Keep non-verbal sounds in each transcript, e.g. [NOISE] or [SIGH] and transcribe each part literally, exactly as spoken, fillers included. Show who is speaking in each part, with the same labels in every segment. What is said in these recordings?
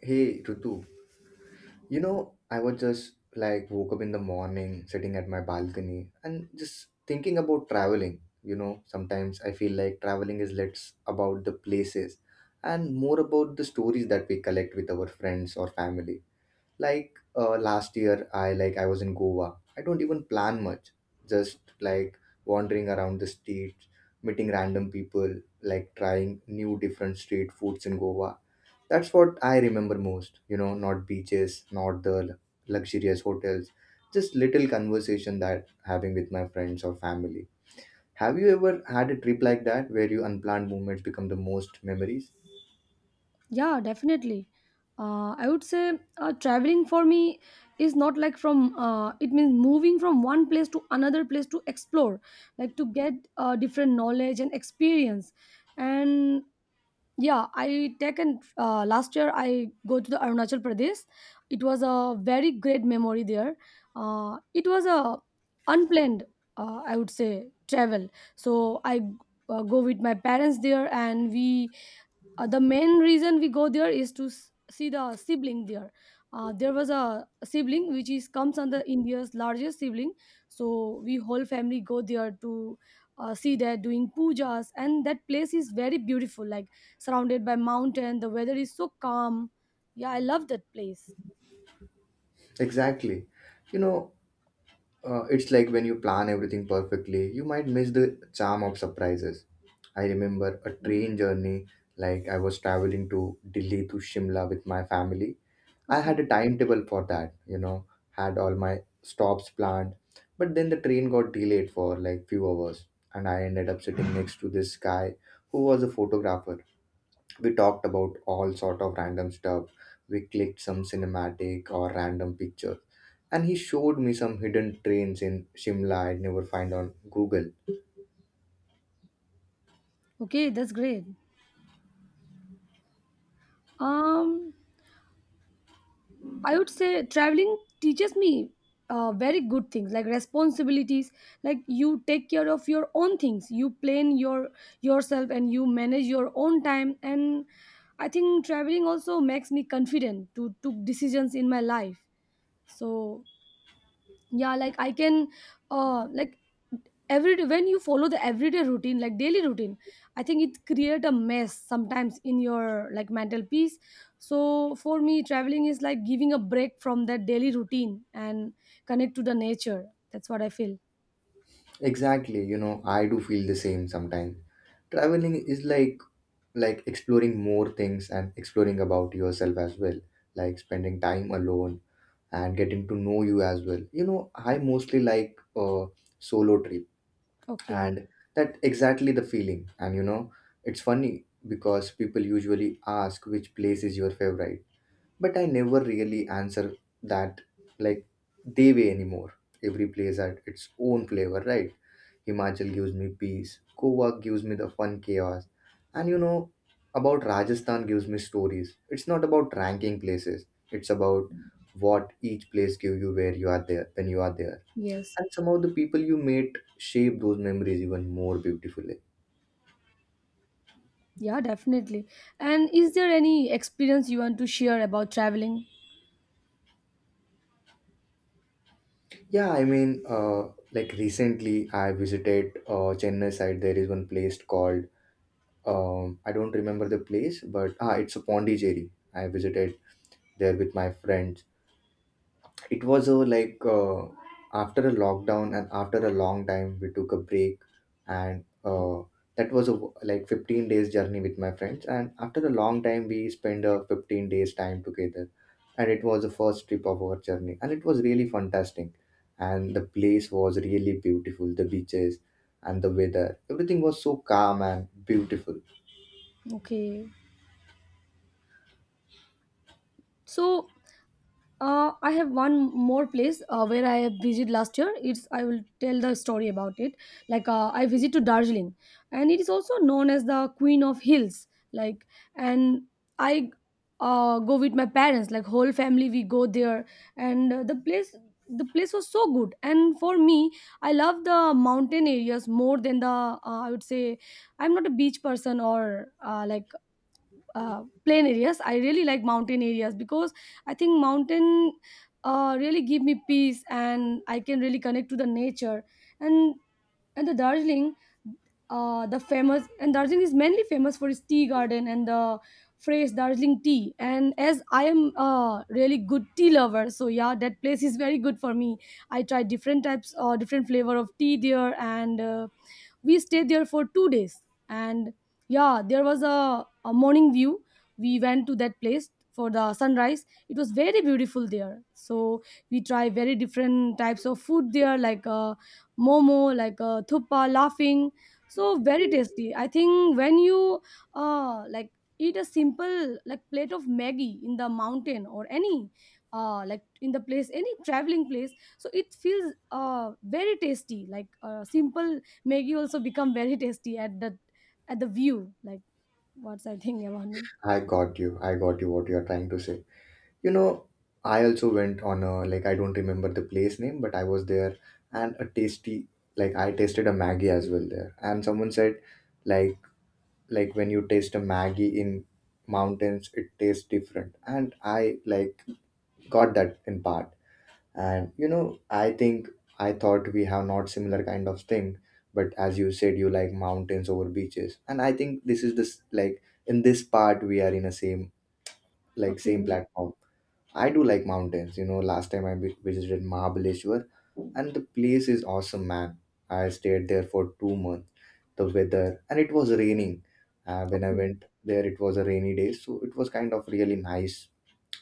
Speaker 1: Hey Ritu, you know, I was just like woke up in the morning, sitting at my balcony, and just thinking about traveling. You know, sometimes I feel like traveling is less about the places and more about the stories that we collect with our friends or family. Like uh, last year, I like I was in Goa. I don't even plan much, just like wandering around the streets, meeting random people, like trying new different street foods in Goa. That's what I remember most, you know, not beaches, not the l- luxurious hotels, just little conversation that having with my friends or family. Have you ever had a trip like that where your unplanned moments become the most memories?
Speaker 2: Yeah, definitely. Uh, I would say uh, traveling for me is not like from, uh, it means moving from one place to another place to explore, like to get uh, different knowledge and experience. And yeah, I taken uh, last year I go to the Arunachal Pradesh. It was a very great memory there. Uh, it was a unplanned, uh, I would say, travel. So I uh, go with my parents there, and we uh, the main reason we go there is to s- see the sibling there. Uh, there was a sibling which is comes under india's largest sibling, so we whole family go there to uh, see that doing pujas, and that place is very beautiful, like surrounded by mountain, the weather is so calm. Yeah, I love that place.
Speaker 1: Exactly. You know, uh, it's like when you plan everything perfectly, you might miss the charm of surprises. I remember a train journey, like I was traveling to Delhi to Shimla with my family. I had
Speaker 2: Okay,
Speaker 1: a timetable for that, you know, had all my stops planned. But then the train got delayed for like few hours and I ended up sitting next to this guy who was a photographer. We talked about all sort of random stuff. We clicked some cinematic or random picture. And he showed me some hidden trains in Shimla I'd never find on Google.
Speaker 2: okay, that's great. um I would say traveling teaches me uh, very good things like responsibilities, like you take care of your own things, you plan your yourself, and you manage your own time. And I think traveling also makes me confident to took decisions in my life. So yeah, like i can uh like every when you follow the everyday routine, like daily routine, I think it create a mess sometimes in your like mental peace. So for me traveling is like giving a break from that daily routine, and connect to the nature. That's what I feel.
Speaker 1: Exactly, you know, I do feel the same sometimes. Traveling is like like exploring more things and exploring about yourself as well, like spending time alone and getting to know you as well. You know, I mostly like uh, solo trip.
Speaker 2: Okay.
Speaker 1: And that exactly the feeling, and you know, it's funny because people usually ask which place is your favorite, but I never really answer that, like, they way anymore. Every place had its own flavor, right? Himachal gives me peace. Goa gives me the fun chaos. And you know, about Rajasthan gives me stories. It's not about ranking places. It's about what each place give you where you are there when you are there.
Speaker 2: Yes.
Speaker 1: And somehow the people you meet shape those memories even more beautifully.
Speaker 2: Yeah, definitely. And is there any experience you want to share about traveling?
Speaker 1: Yeah, I mean, uh, like recently I visited uh, Chennai side. There is one place called um, I don't remember the place, but ah, it's a Pondicherry. I visited there with my friends. It was a like uh, after a lockdown and after a long time we took a break, and uh, that was a w- like fifteen days journey with my friends, and after a long time we spent a fifteen days time together, and it was the first trip of our journey and it was really fantastic, and the place was really beautiful, the beaches and the weather, everything was so calm and beautiful.
Speaker 2: Okay, so Uh, I have one more place uh, where I visited last year. It's I will tell the story about it. Like uh, I visit to Darjeeling, and it is also known as the Queen of Hills. Like, and I uh, go with my parents, like whole family. We go there, and uh, the place the place was so good. And for me, I love the mountain areas more than the uh, I would say I'm not a beach person, or uh, like uh, plain areas. I really like mountain areas because I think mountain uh, really give me peace, and I can really connect to the nature. and and the darjeeling, uh, the famous and Darjeeling is mainly famous for its tea garden, and the fresh Darjeeling tea. And as I am a really good tea lover, so yeah, that place is very good for me. I tried different types or different flavor of tea there, and uh, we stayed there for two days. And yeah, there was a a morning view, we went to that place for the sunrise, it was very beautiful there. So we try very different types of food there, like uh, momo, like uh, thuppa, laughing, so very tasty. I think when you uh, like eat a simple like plate of maggie in the mountain, or any uh, like in the place, any traveling place, so it feels uh, very tasty, like uh, simple maggie also become very tasty at the at the view, like. What's I think about him?
Speaker 1: I got you, I got you, what you are trying to say. You know, I also went on a like I don't remember the place name, but I was there and a tasty like I tasted a Maggie as well there. And someone said like like when you taste a Maggie in mountains it tastes different. And I like got that in part. And you know, I think I thought we have not similar kind of thing, but as you said you like mountains over beaches. And I think this is this like in this part we are in a same like same
Speaker 2: Okay,
Speaker 1: platform. I do like mountains. You know, last time I vi- visited Mahabaleshwar, and the place is awesome, man. I stayed there for two months. The weather, and it was raining. Uh, when I
Speaker 2: okay,
Speaker 1: went there, it was a rainy day, so it was kind of really nice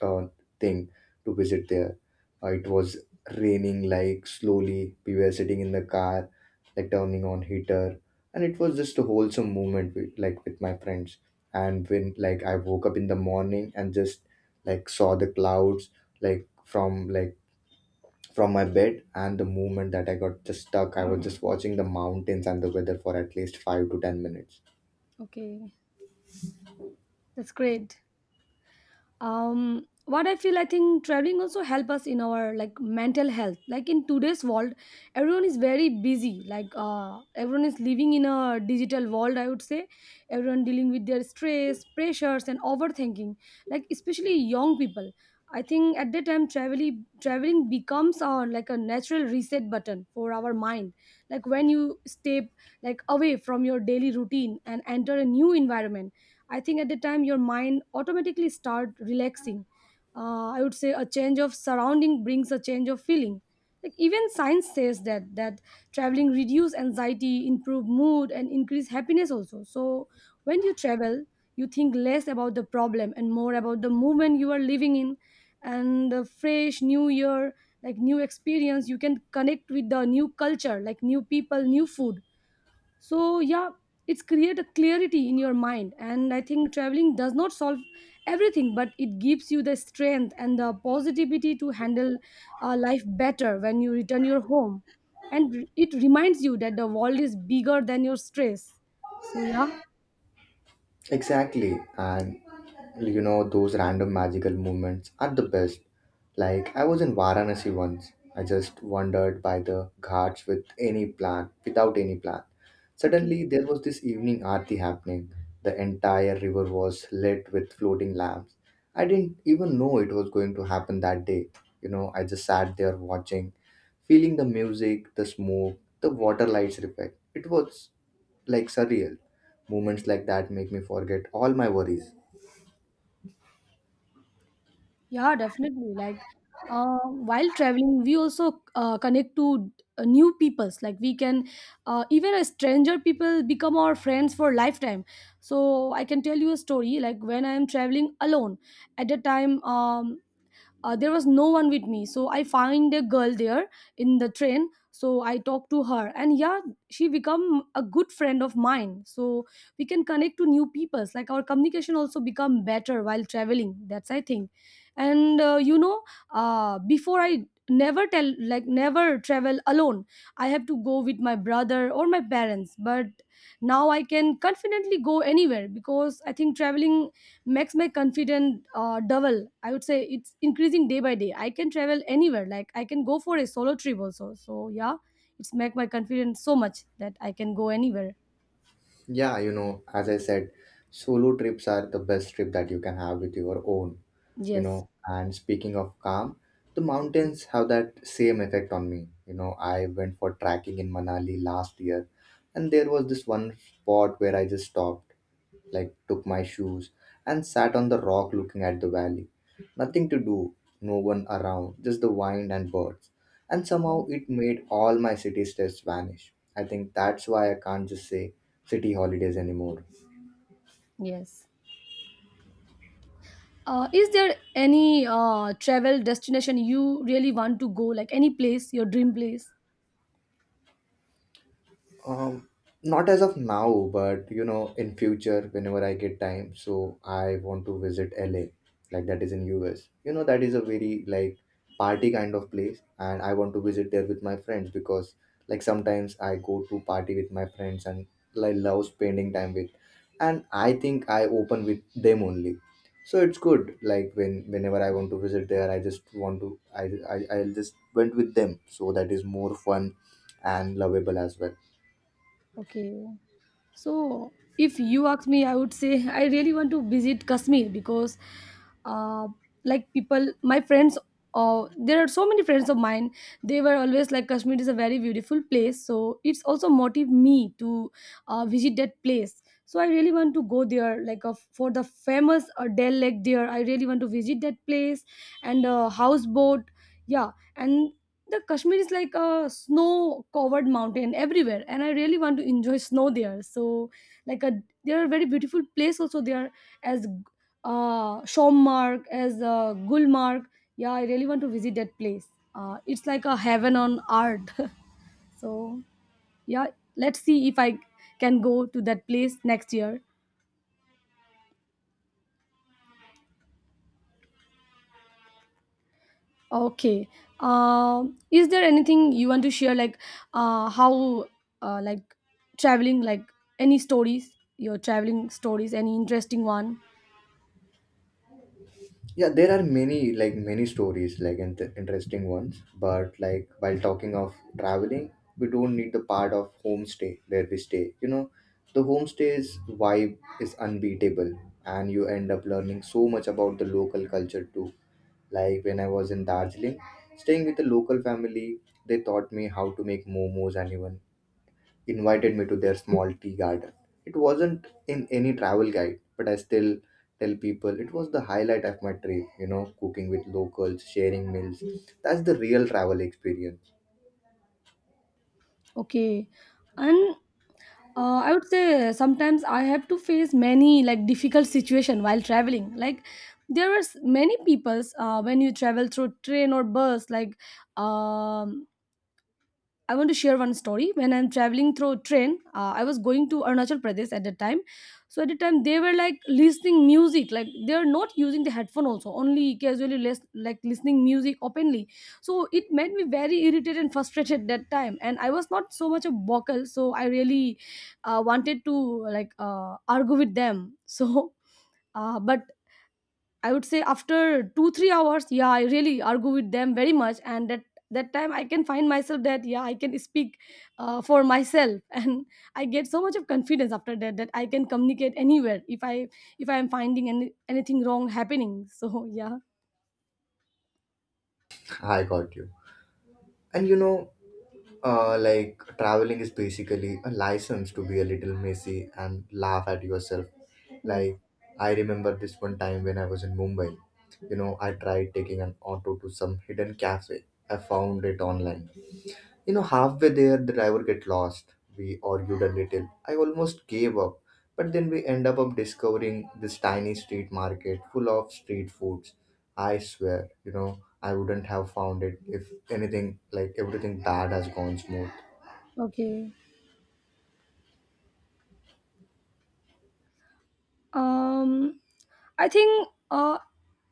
Speaker 1: uh, thing to visit there. Uh, it was raining like slowly. We were sitting in the car, like turning on heater, and it was just a wholesome moment with, like with my friends. And when like I woke up in the morning and just like saw the clouds like from like from my bed, and the moment that I got just stuck, I was just watching the mountains and the weather for at least five to ten minutes.
Speaker 2: okay. That's great. Um what I feel, I think traveling also help us in our like mental health. Like in today's world, everyone is very busy, like uh everyone is living in a digital world, I would say. Everyone dealing with their stress, pressures, and overthinking, like especially young people. I think at that time, traveling traveling becomes our like a natural reset button for our mind. Like when you step like away from your daily routine and enter a new environment, I think at the time your mind automatically start relaxing. uh, I would say a change of surrounding brings a change of feeling. Like even science says that that traveling reduce anxiety, improve mood, and increase happiness also. So when you travel, you think less about the problem and more about the moment you are living in. And the fresh new year, like new experience, you can connect with the new culture, like new people, new food. So yeah, it's create a clarity in your mind. And I think traveling does not solve everything, but it gives you the strength and the positivity to handle uh, life better when you return your home. And it reminds you that the world is bigger than your stress. So yeah.
Speaker 1: Exactly. And you know, those random magical moments are the best. Like, I was in Varanasi once. I just wandered by the ghats with any plan, without any plan.
Speaker 2: Okay.
Speaker 1: Suddenly, there was this evening aarti happening. The entire river was lit with floating lamps. I didn't even know it was going to happen that day. You know, I just sat there watching, feeling the music, the smoke, the water lights effect. It was like surreal. Moments like that make me forget all my worries.
Speaker 2: Yeah, definitely. Like, uh, while traveling, we also uh, connect to uh, new peoples. Like, we can uh, even a stranger people become our friends for lifetime. So I can tell you a story. Like when I am traveling alone, at a time, um, uh, there was no one with me, so I find a girl there in the train, so I talk to her, and yeah, she become a good friend of mine. So we can connect to new peoples, like our communication also become better while traveling, that's I think. And uh, you know uh, before I never tell like never travel alone, I have to go with my brother or my parents. But now I can confidently go anywhere, because I think traveling makes my confidence uh, double, I would say. It's increasing day by day, I can travel anywhere, like I can go for a solo trip also. So yeah, it's make my confidence so much that I can go anywhere.
Speaker 1: Yeah, you know, as I said, solo trips are the best trip that you can have with your own, you
Speaker 2: Yes.
Speaker 1: know. And speaking of calm, the mountains have that same effect on me. You know, I went for trekking in Manali last year, and there was this one spot where I just stopped, like took my shoes and sat on the rock looking at the valley. Nothing to do, no one around, just the wind and birds. And somehow
Speaker 2: Yes.
Speaker 1: it made all my city stress vanish. I think that's why I can't just say city holidays anymore.
Speaker 2: Yes, uh, is there any uh, travel destination you really want to go, like any place, your dream place?
Speaker 1: Um, Not as of now, but you know, in future, whenever I get time, so I want to visit L A, like that is in U S. You know, that is a very like party kind of place, and I want to visit there with my friends because like sometimes I go to party with my friends and I love spending time with, and I think I open with them only. So it's good. Like when whenever I want to visit there, I just want to I I I'll just went with them, so that is more fun and lovable as well.
Speaker 2: Okay. So, if you ask me, I would say I really want to visit Kashmir, because uh, like people, my friends, uh, there are so many friends of mine. They were always like Kashmir is a very beautiful place, so it's also motive me to uh, visit that place. So I really want to go there, like uh, for the famous uh, Dell Lake there. I really want to visit that place, and uh, houseboat. Yeah, and the kashmir is like a snow covered mountain everywhere, and I really want to enjoy snow there. So like a there are very beautiful place also there, as uh shommark, as uh, gulmarg. Yeah, I really want to visit that place. Uh, it's like a heaven on earth. [LAUGHS] So yeah, let's see if I can go to that place next year. Okay. Um, is there anything you want to share, like uh, how, uh, like traveling, like any stories, your traveling stories, any interesting one?
Speaker 1: Yeah, there are many like many stories like int- interesting ones, but like while talking of traveling, we don't need the part of homestay where we stay, you know, the homestay's vibe is unbeatable, and you end up learning so much about the local culture too. Like when I was in Darjeeling, staying with a local family, they taught me how to make momos and even invited me to their small tea garden. It wasn't in any travel guide, but I still tell people it was the highlight of my trip, you know, cooking with locals, sharing meals. That's the real travel experience.
Speaker 2: Okay. And uh, I would say sometimes I have to face many like difficult situation while traveling. Like there was many peoples uh, when you travel through train or bus, like um I want to share one story. When I'm traveling through a train, uh, I was going to Arunachal Pradesh at that time. So at the time, they were like listening music. Like they're not using the headphone also, only casually less, like listening music openly. So it made me very irritated and frustrated that time. And I was not so much a vocal, so I really uh, wanted to like uh, argue with them. [LAUGHS] So, uh, but I would say after two three hours, yeah, I really argue with them very much. And that that time I can find myself that yeah, I can speak uh, for myself, [LAUGHS] and I get so much of confidence after that, that I can communicate anywhere if I if I am finding any anything wrong happening. So [LAUGHS] yeah.
Speaker 1: [LAUGHS] I got you. And you know, uh, like traveling is basically a license to be a little messy and laugh at yourself.
Speaker 2: Yes.
Speaker 1: Like, I remember this one time when I was in Mumbai. You know, I tried taking an auto to some hidden cafe. I found it online. You know, halfway there, the driver get lost. We argued a little. I almost gave up. But then we end up up discovering this tiny street market full of street foods. I swear, you know, I wouldn't have found it if anything like everything bad has gone smooth.
Speaker 2: Okay. um I think uh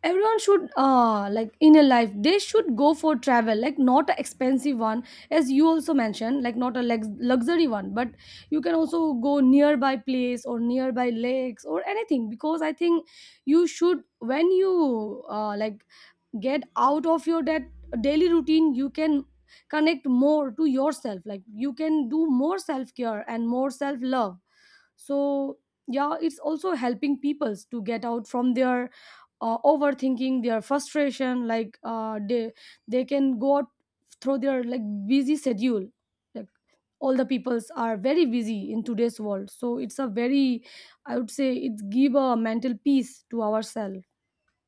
Speaker 2: everyone should uh like in a life they should go for travel, like not an expensive one, as you also mentioned, like not a lux- luxury one, but you can also go nearby place or nearby lakes or anything. Because I think you should, when you uh like get out of your that daily routine, you can connect more to yourself, like you can do more self care and more self love. So yeah, it's also helping people to get out from their uh, overthinking, their frustration, like uh, they they can go out through their like busy schedule. Like all the peoples are very busy in today's world, so it's a very, I would say, it's give a mental peace to ourselves.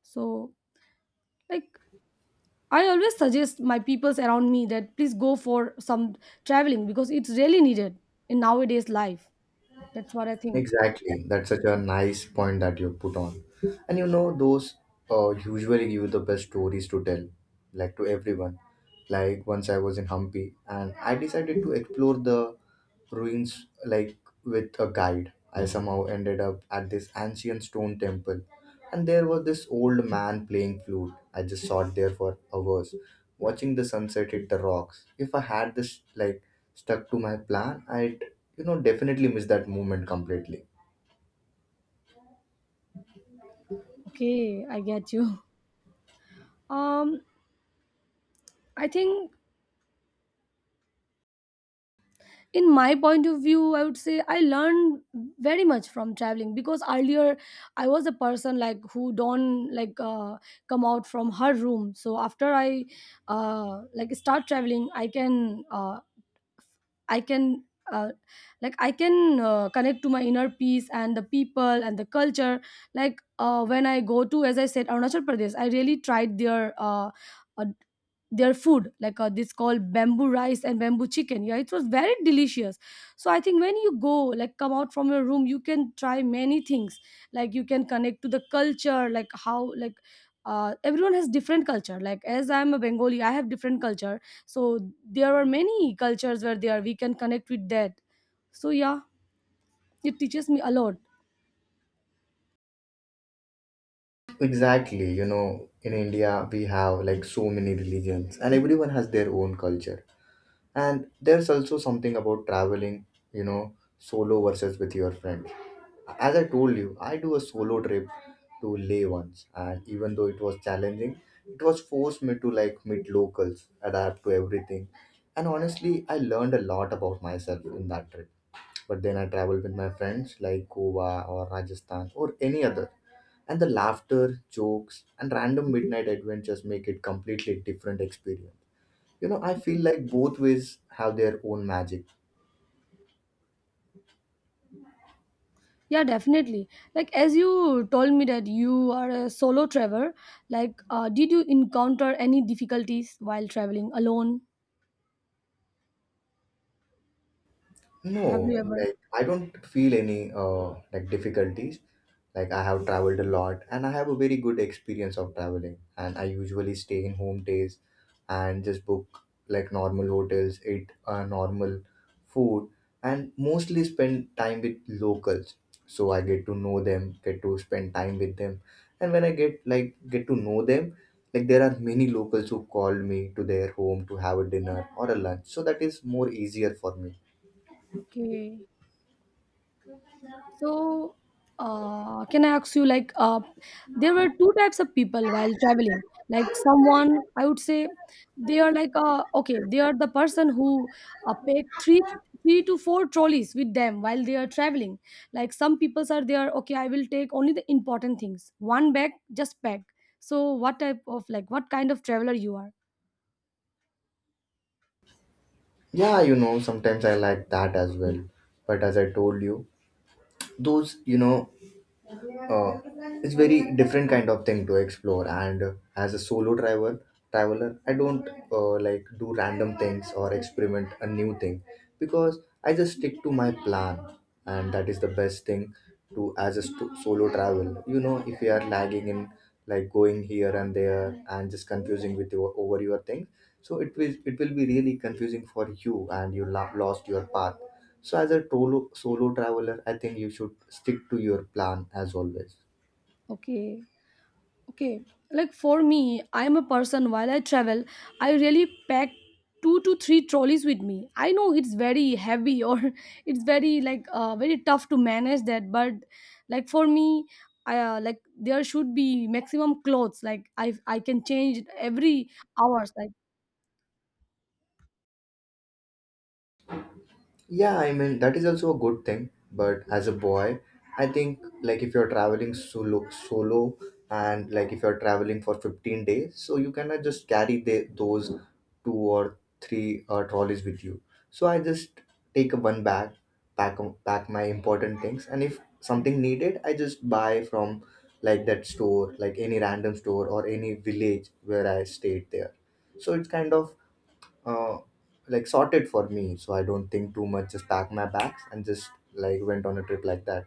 Speaker 2: So like I always suggest my peoples around me that please go for some traveling, because it's really needed in nowadays life. That's what I think.
Speaker 1: Exactly. That's such a nice point that you put on. And you know, those uh, usually give the best stories to tell, like to everyone. Like once I was in Hampi and I decided to explore the ruins like with a guide. I somehow ended up at this ancient stone temple and there was this old man playing flute. I just sat there for hours, watching the sunset hit the rocks. If I had this like stuck to my plan, I'd, you know, definitely miss that moment completely.
Speaker 2: Okay, I get you. [LAUGHS] Um, I think in my point of view, I would say I learned very much from traveling, because earlier I was a person like who don't like uh, come out from her room. So after I uh, like start traveling, I can uh, I can uh, like I can uh, connect to my inner peace and the people and the culture. Like uh, when I go to, as I said, Arunachal Pradesh, I really tried their uh, uh, their food. Like uh, this called bamboo rice and bamboo chicken. Yeah, it was very delicious. So I think when you go, like come out from your room, you can try many things. Like you can connect to the culture. Like how, like uh, everyone has different culture. Like as I'm a Bengali, I have different culture. So there are many cultures where there we can connect with that. So yeah, it teaches me a lot.
Speaker 1: Exactly, you know, in India we have like so many religions and everyone has their own culture. And there's also something about traveling, you know, solo versus with your friends. As I told you, I do a solo trip to Leh once, and even though it was challenging, it was forced me to like meet locals, adapt to everything, and honestly, I learned a lot about myself in that trip. But then I traveled with my friends like Goa or Rajasthan or any other, and the laughter, jokes, and random midnight adventures make it completely different experience. You know, I feel like both ways have their own magic.
Speaker 2: Yeah, definitely. Like as you told me that you are a solo traveler, like uh, did you encounter any difficulties while traveling alone? Have
Speaker 1: No,
Speaker 2: you ever?
Speaker 1: like I don't feel any uh like difficulties. Like I have traveled a lot and I have a very good experience of traveling, and I usually stay in home days and just book like normal hotels, eat uh, normal food, and mostly spend time with locals. So I get to know them, get to spend time with them. And when I get like get to know them, like there are many locals who call me to their home to have a dinner or a lunch. So that is more easier for me.
Speaker 2: Okay. So, uh, can I ask you, like, uh, there were two types of people while traveling. Like, someone, I would say, they are like, uh, okay, they are the person who uh, pack three, three to four trolleys with them while they are traveling. Like, some people are there, okay, I will take only the important things. One bag, just pack. So, what type of, like, what kind of traveler you are?
Speaker 1: Yeah, you know, sometimes I like that as well. But as I told you, those, you know, uh, it's very different kind of thing to explore. And uh, as a solo travel traveler, I don't uh, like do random things or experiment a new thing, because I just stick to my plan, and that is the best thing to. As a st- solo travel, you know if you are lagging in like going here and there and just confusing with your over your thing, so it will it will be really confusing for you, and you lo- lost your path. So as a tolo- solo traveler, I think you should stick to your plan as always.
Speaker 2: Okay. Okay, like for me, I am a person. While I travel, I really pack two to three trolleys with me. I know it's very heavy, or [LAUGHS] it's very like uh, very tough to manage that. But like for me, I, uh, like there should be maximum clothes, like i i can change every hours, like.
Speaker 1: Yeah, I mean, that is also a good thing. But as a boy, I think like if you're traveling solo, solo and like if you're traveling for fifteen days, so you cannot just carry the, those two or three uh, trolleys with you. So I just take a one bag, pack, pack my important things. And if something needed, I just buy from like that store, like any random store or any village where I stayed there. So it's kind of uh, like sorted for me, so I don't think too much, just packed my bags and just like went on a trip like that.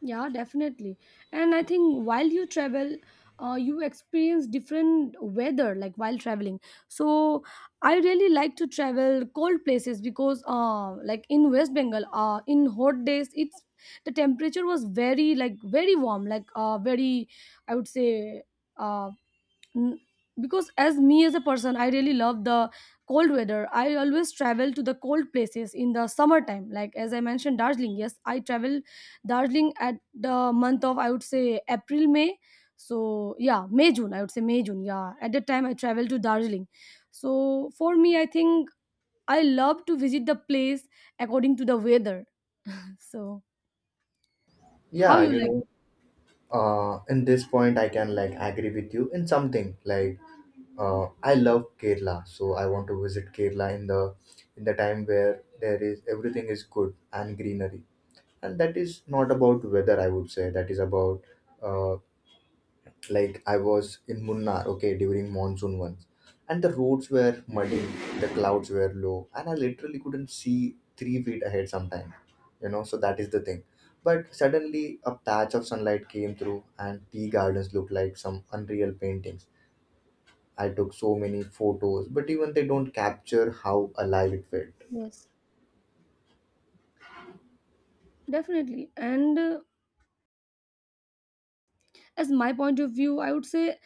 Speaker 2: Yeah, definitely. And I think while you travel, uh, you experience different weather like while traveling. So I really like to travel cold places because, uh, like in West Bengal, uh, in hot days, it's the temperature was very, like very warm, like uh, very, I would say, uh, Mm, because as me, as a person, I really love the cold weather. I always travel to the cold places in the summertime. Like as I mentioned, Darjeeling, yes, I travel Darjeeling at the month of, I would say, April, May. So yeah, May, June, I would say May, June, yeah, at that time I travel to Darjeeling. So for me, I think I love to visit the place according to the weather. So how
Speaker 1: Yeah,
Speaker 2: you
Speaker 1: you
Speaker 2: like.
Speaker 1: know uh, in this point I can like agree with you in something like uh, I love Kerala, so I want to visit Kerala in the in the time where there is everything is good and greenery. And that is not about weather, I would say that is about uh, like I was in Munnar, okay, during monsoon once, and the roads were muddy,
Speaker 2: Okay.
Speaker 1: the clouds were low, and I literally couldn't see three feet ahead sometimes, you know. So that is the thing. But suddenly, a patch of sunlight came through, and tea gardens looked like some unreal paintings. I took so many photos, but even they don't capture how alive it felt.
Speaker 2: Yes, definitely. And uh, as my point of view, I would say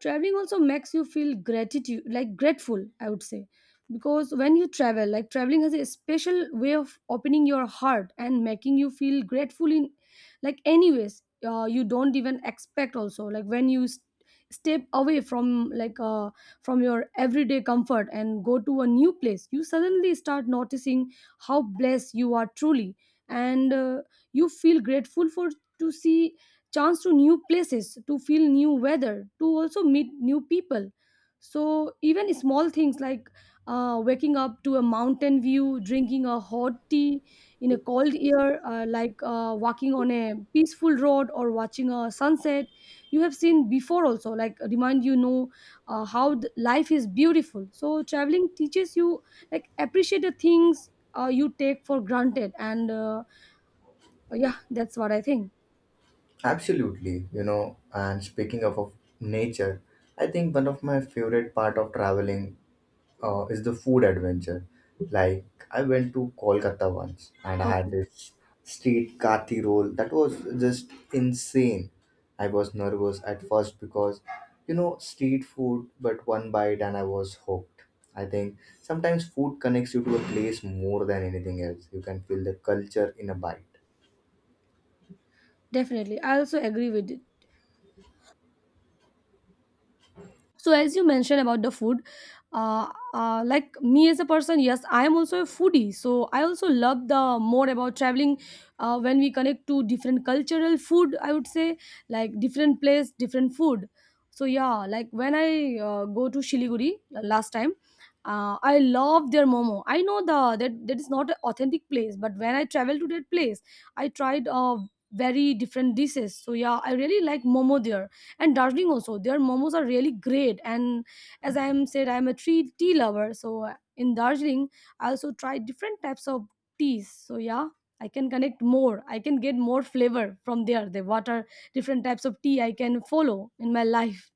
Speaker 2: traveling also makes you feel gratitude, like grateful, I would say, because when you travel, like traveling has a special way of opening your heart and making you feel grateful in, like, anyways. Uh, you don't even expect also, like when you s- step away from like uh, from your everyday comfort and go to a new place, you suddenly start noticing how blessed you are truly. And uh, you feel grateful for to see chance to new places, to feel new weather, to also meet new people. So even small things like uh, waking up to a mountain view, drinking a hot tea in a cold air, uh, like uh, walking on a peaceful road or watching a sunset you have seen before also, like, remind, you know, uh, how th- life is beautiful. So traveling teaches you like appreciate the things uh, you take for granted. And uh, yeah, that's what I think.
Speaker 1: Absolutely, you know. And speaking of, of nature, I think one of my favorite part of traveling uh, is the food adventure. Like, I went to Kolkata once and I had
Speaker 2: Okay.
Speaker 1: this street kathi roll that was just insane. I was nervous at first because, you know, street food, but one bite and I was hooked. I think sometimes food connects you to a place more than anything else. You can feel the culture in a bite.
Speaker 2: Definitely, I also agree with it. So, as you mentioned about the food, uh, uh, like me as a person, yes, I am also a foodie. So, I also love the more about traveling uh, when we connect to different cultural food. I would say, like different place, different food. So, yeah, like when I uh, go to Shiliguri uh, last time, uh, I love their momo. I know the that that is not an authentic place, but when I travel to that place, I tried uh, very different dishes. So, yeah, I really like momo there. And Darjeeling also. Their momos are really great. And as I am said, I am a tea tea lover. So uh, in Darjeeling, I also try different types of teas. So yeah, I can connect more. I can get more flavor from there. The what are different types of tea I can follow in my life.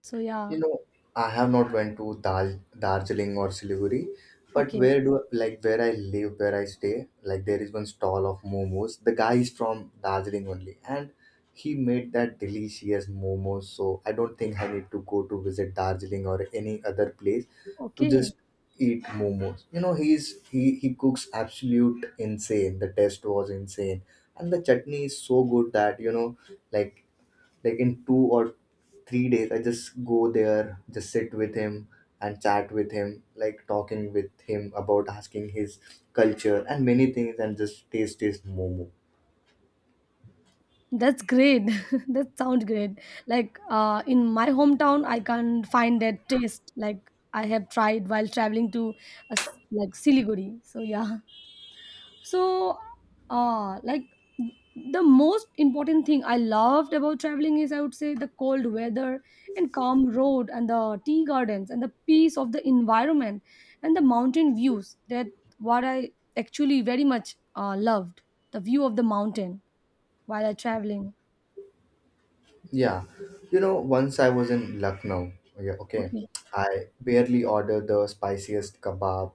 Speaker 2: So
Speaker 1: You
Speaker 2: yeah,
Speaker 1: know, I have not went to Dal Darjeeling or Siliguri, but
Speaker 2: okay,
Speaker 1: where do like where I live, where I stay, like there is one stall of momos. The guy is from Darjeeling only, and he made that delicious momos. So I don't think I need to go to visit Darjeeling or any other place to
Speaker 2: okay.
Speaker 1: just eat momos. You know, he's he he cooks absolute insane. The taste was insane, and the chutney is so good that, you know, like like in two or three days I just go there, just sit with him and chat with him, like talking with him about asking his culture and many things, and just taste his momo.
Speaker 2: That's great. [LAUGHS] That sounds great. Like uh, in my hometown, I can't find that taste. Like I have tried while traveling to uh, s- like Siliguri. So yeah. So uh like the most important thing I loved about traveling is, I would say, the cold weather and calm road and the tea gardens and the peace of the environment and the mountain views. That what I actually very much uh, loved, the view of the mountain while I traveling.
Speaker 1: Yeah, you know once I was in Lucknow. Yeah, okay.
Speaker 2: Okay,
Speaker 1: I barely ordered the spiciest kebab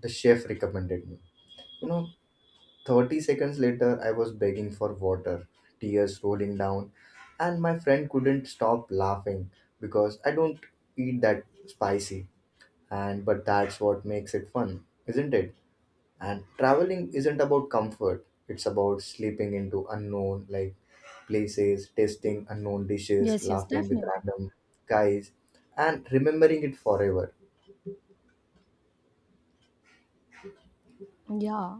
Speaker 1: the chef recommended me, you
Speaker 2: okay.
Speaker 1: know. thirty seconds later, I was begging for water, tears rolling down, and my friend couldn't stop laughing because I don't eat that spicy. And but that's what makes it fun, isn't it? And traveling isn't about comfort, it's about slipping into unknown like places, tasting unknown dishes,
Speaker 2: Yes, yes,
Speaker 1: laughing with
Speaker 2: definitely.
Speaker 1: random guys, and remembering it forever.
Speaker 2: Yeah,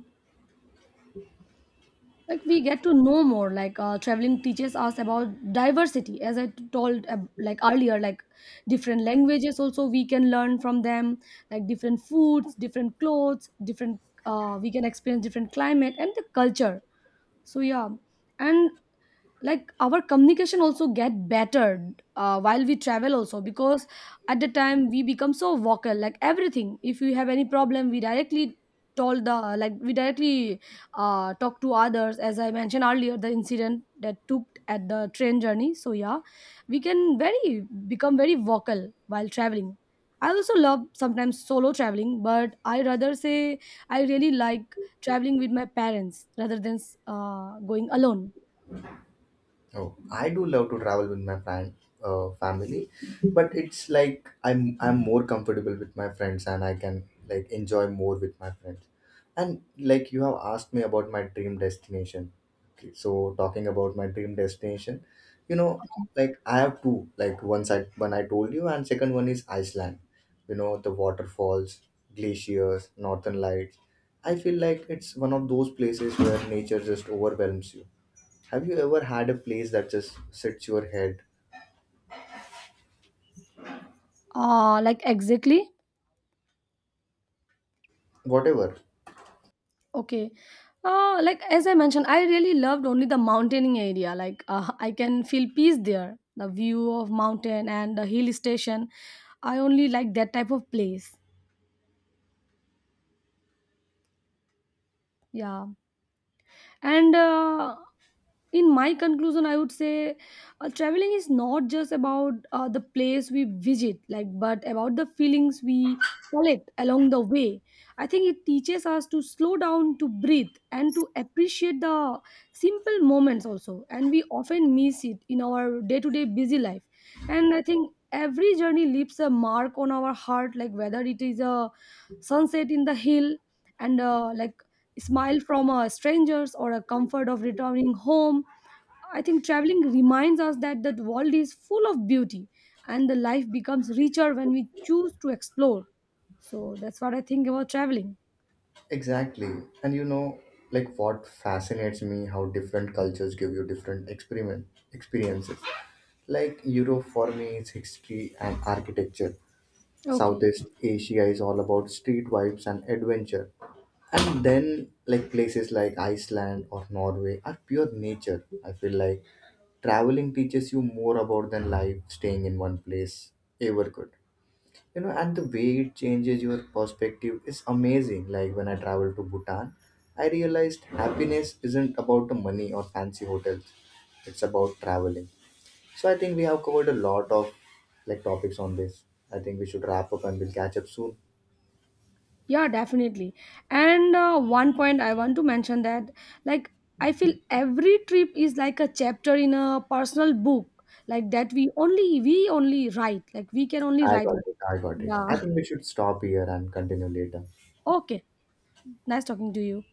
Speaker 2: like we get to know more. Like uh, traveling teaches us about diversity, as I t- told uh, like earlier, like different languages also we can learn from them, like different foods, different clothes, different uh, we can experience different climate and the culture. So yeah. And like our communication also get better uh, while we travel also, because at the time we become so vocal, like everything, if we have any problem, we directly told the, like we directly uh, talk to others, as I mentioned earlier, the incident that took at the train journey. So yeah, we can very become very vocal while traveling. I also love sometimes solo traveling, but I rather say I really like traveling with my parents rather than uh, going alone.
Speaker 1: Oh, I do love to travel with my fam- uh, family, but it's like I'm I'm more comfortable with my friends and I can like enjoy more with my friends. And like you have asked me about my dream destination. Okay, so talking about my dream destination, you know, like I have two. Like one side, one I told you, and second one is Iceland. You know, the waterfalls, glaciers, northern lights. I feel like it's one of those places where nature just overwhelms you. Have you ever had a place that just sits your head?
Speaker 2: Uh, like exactly?
Speaker 1: Whatever.
Speaker 2: Okay. Uh, like as I mentioned, I really loved only the mountaineering area. Like uh, I can feel peace there. The view of mountain and the hill station. I only like that type of place. Yeah. And uh, in my conclusion I would say uh, traveling is not just about uh, the place we visit, like, but about the feelings we collect along the way. I think it teaches us to slow down, to breathe, and to appreciate the simple moments also, and we often miss it in our day to day busy life. And I think every journey leaves a mark on our heart, like whether it is a sunset in the hill and uh, like smile from a stranger's or a comfort of returning home. I think traveling reminds us that the world is full of beauty and the life becomes richer when we choose to explore. So that's what I think about traveling.
Speaker 1: Exactly. And you know, like what fascinates me how different cultures give you different experiment experiences. Like Europe for me is history and architecture.
Speaker 2: Okay.
Speaker 1: Southeast Asia is all about street vibes and adventure. And then like places like Iceland or Norway are pure nature. I feel like traveling teaches you more about than life staying in one place ever could. You know, and the way it changes your perspective is amazing. Like when I traveled to Bhutan, I realized happiness isn't about the money or fancy hotels. It's about traveling. So I think we have covered a lot of like topics on this. I think we should wrap up, and we'll catch up soon.
Speaker 2: Yeah, definitely. And uh, one point I want to mention that, like, I feel every trip is like a chapter in a personal book, like that we only we only write, like we can only
Speaker 1: I
Speaker 2: write
Speaker 1: got
Speaker 2: it.
Speaker 1: it, I got it.
Speaker 2: Yeah.
Speaker 1: I think
Speaker 2: [LAUGHS]
Speaker 1: we should stop here and continue later.
Speaker 2: Okay. Nice talking to you.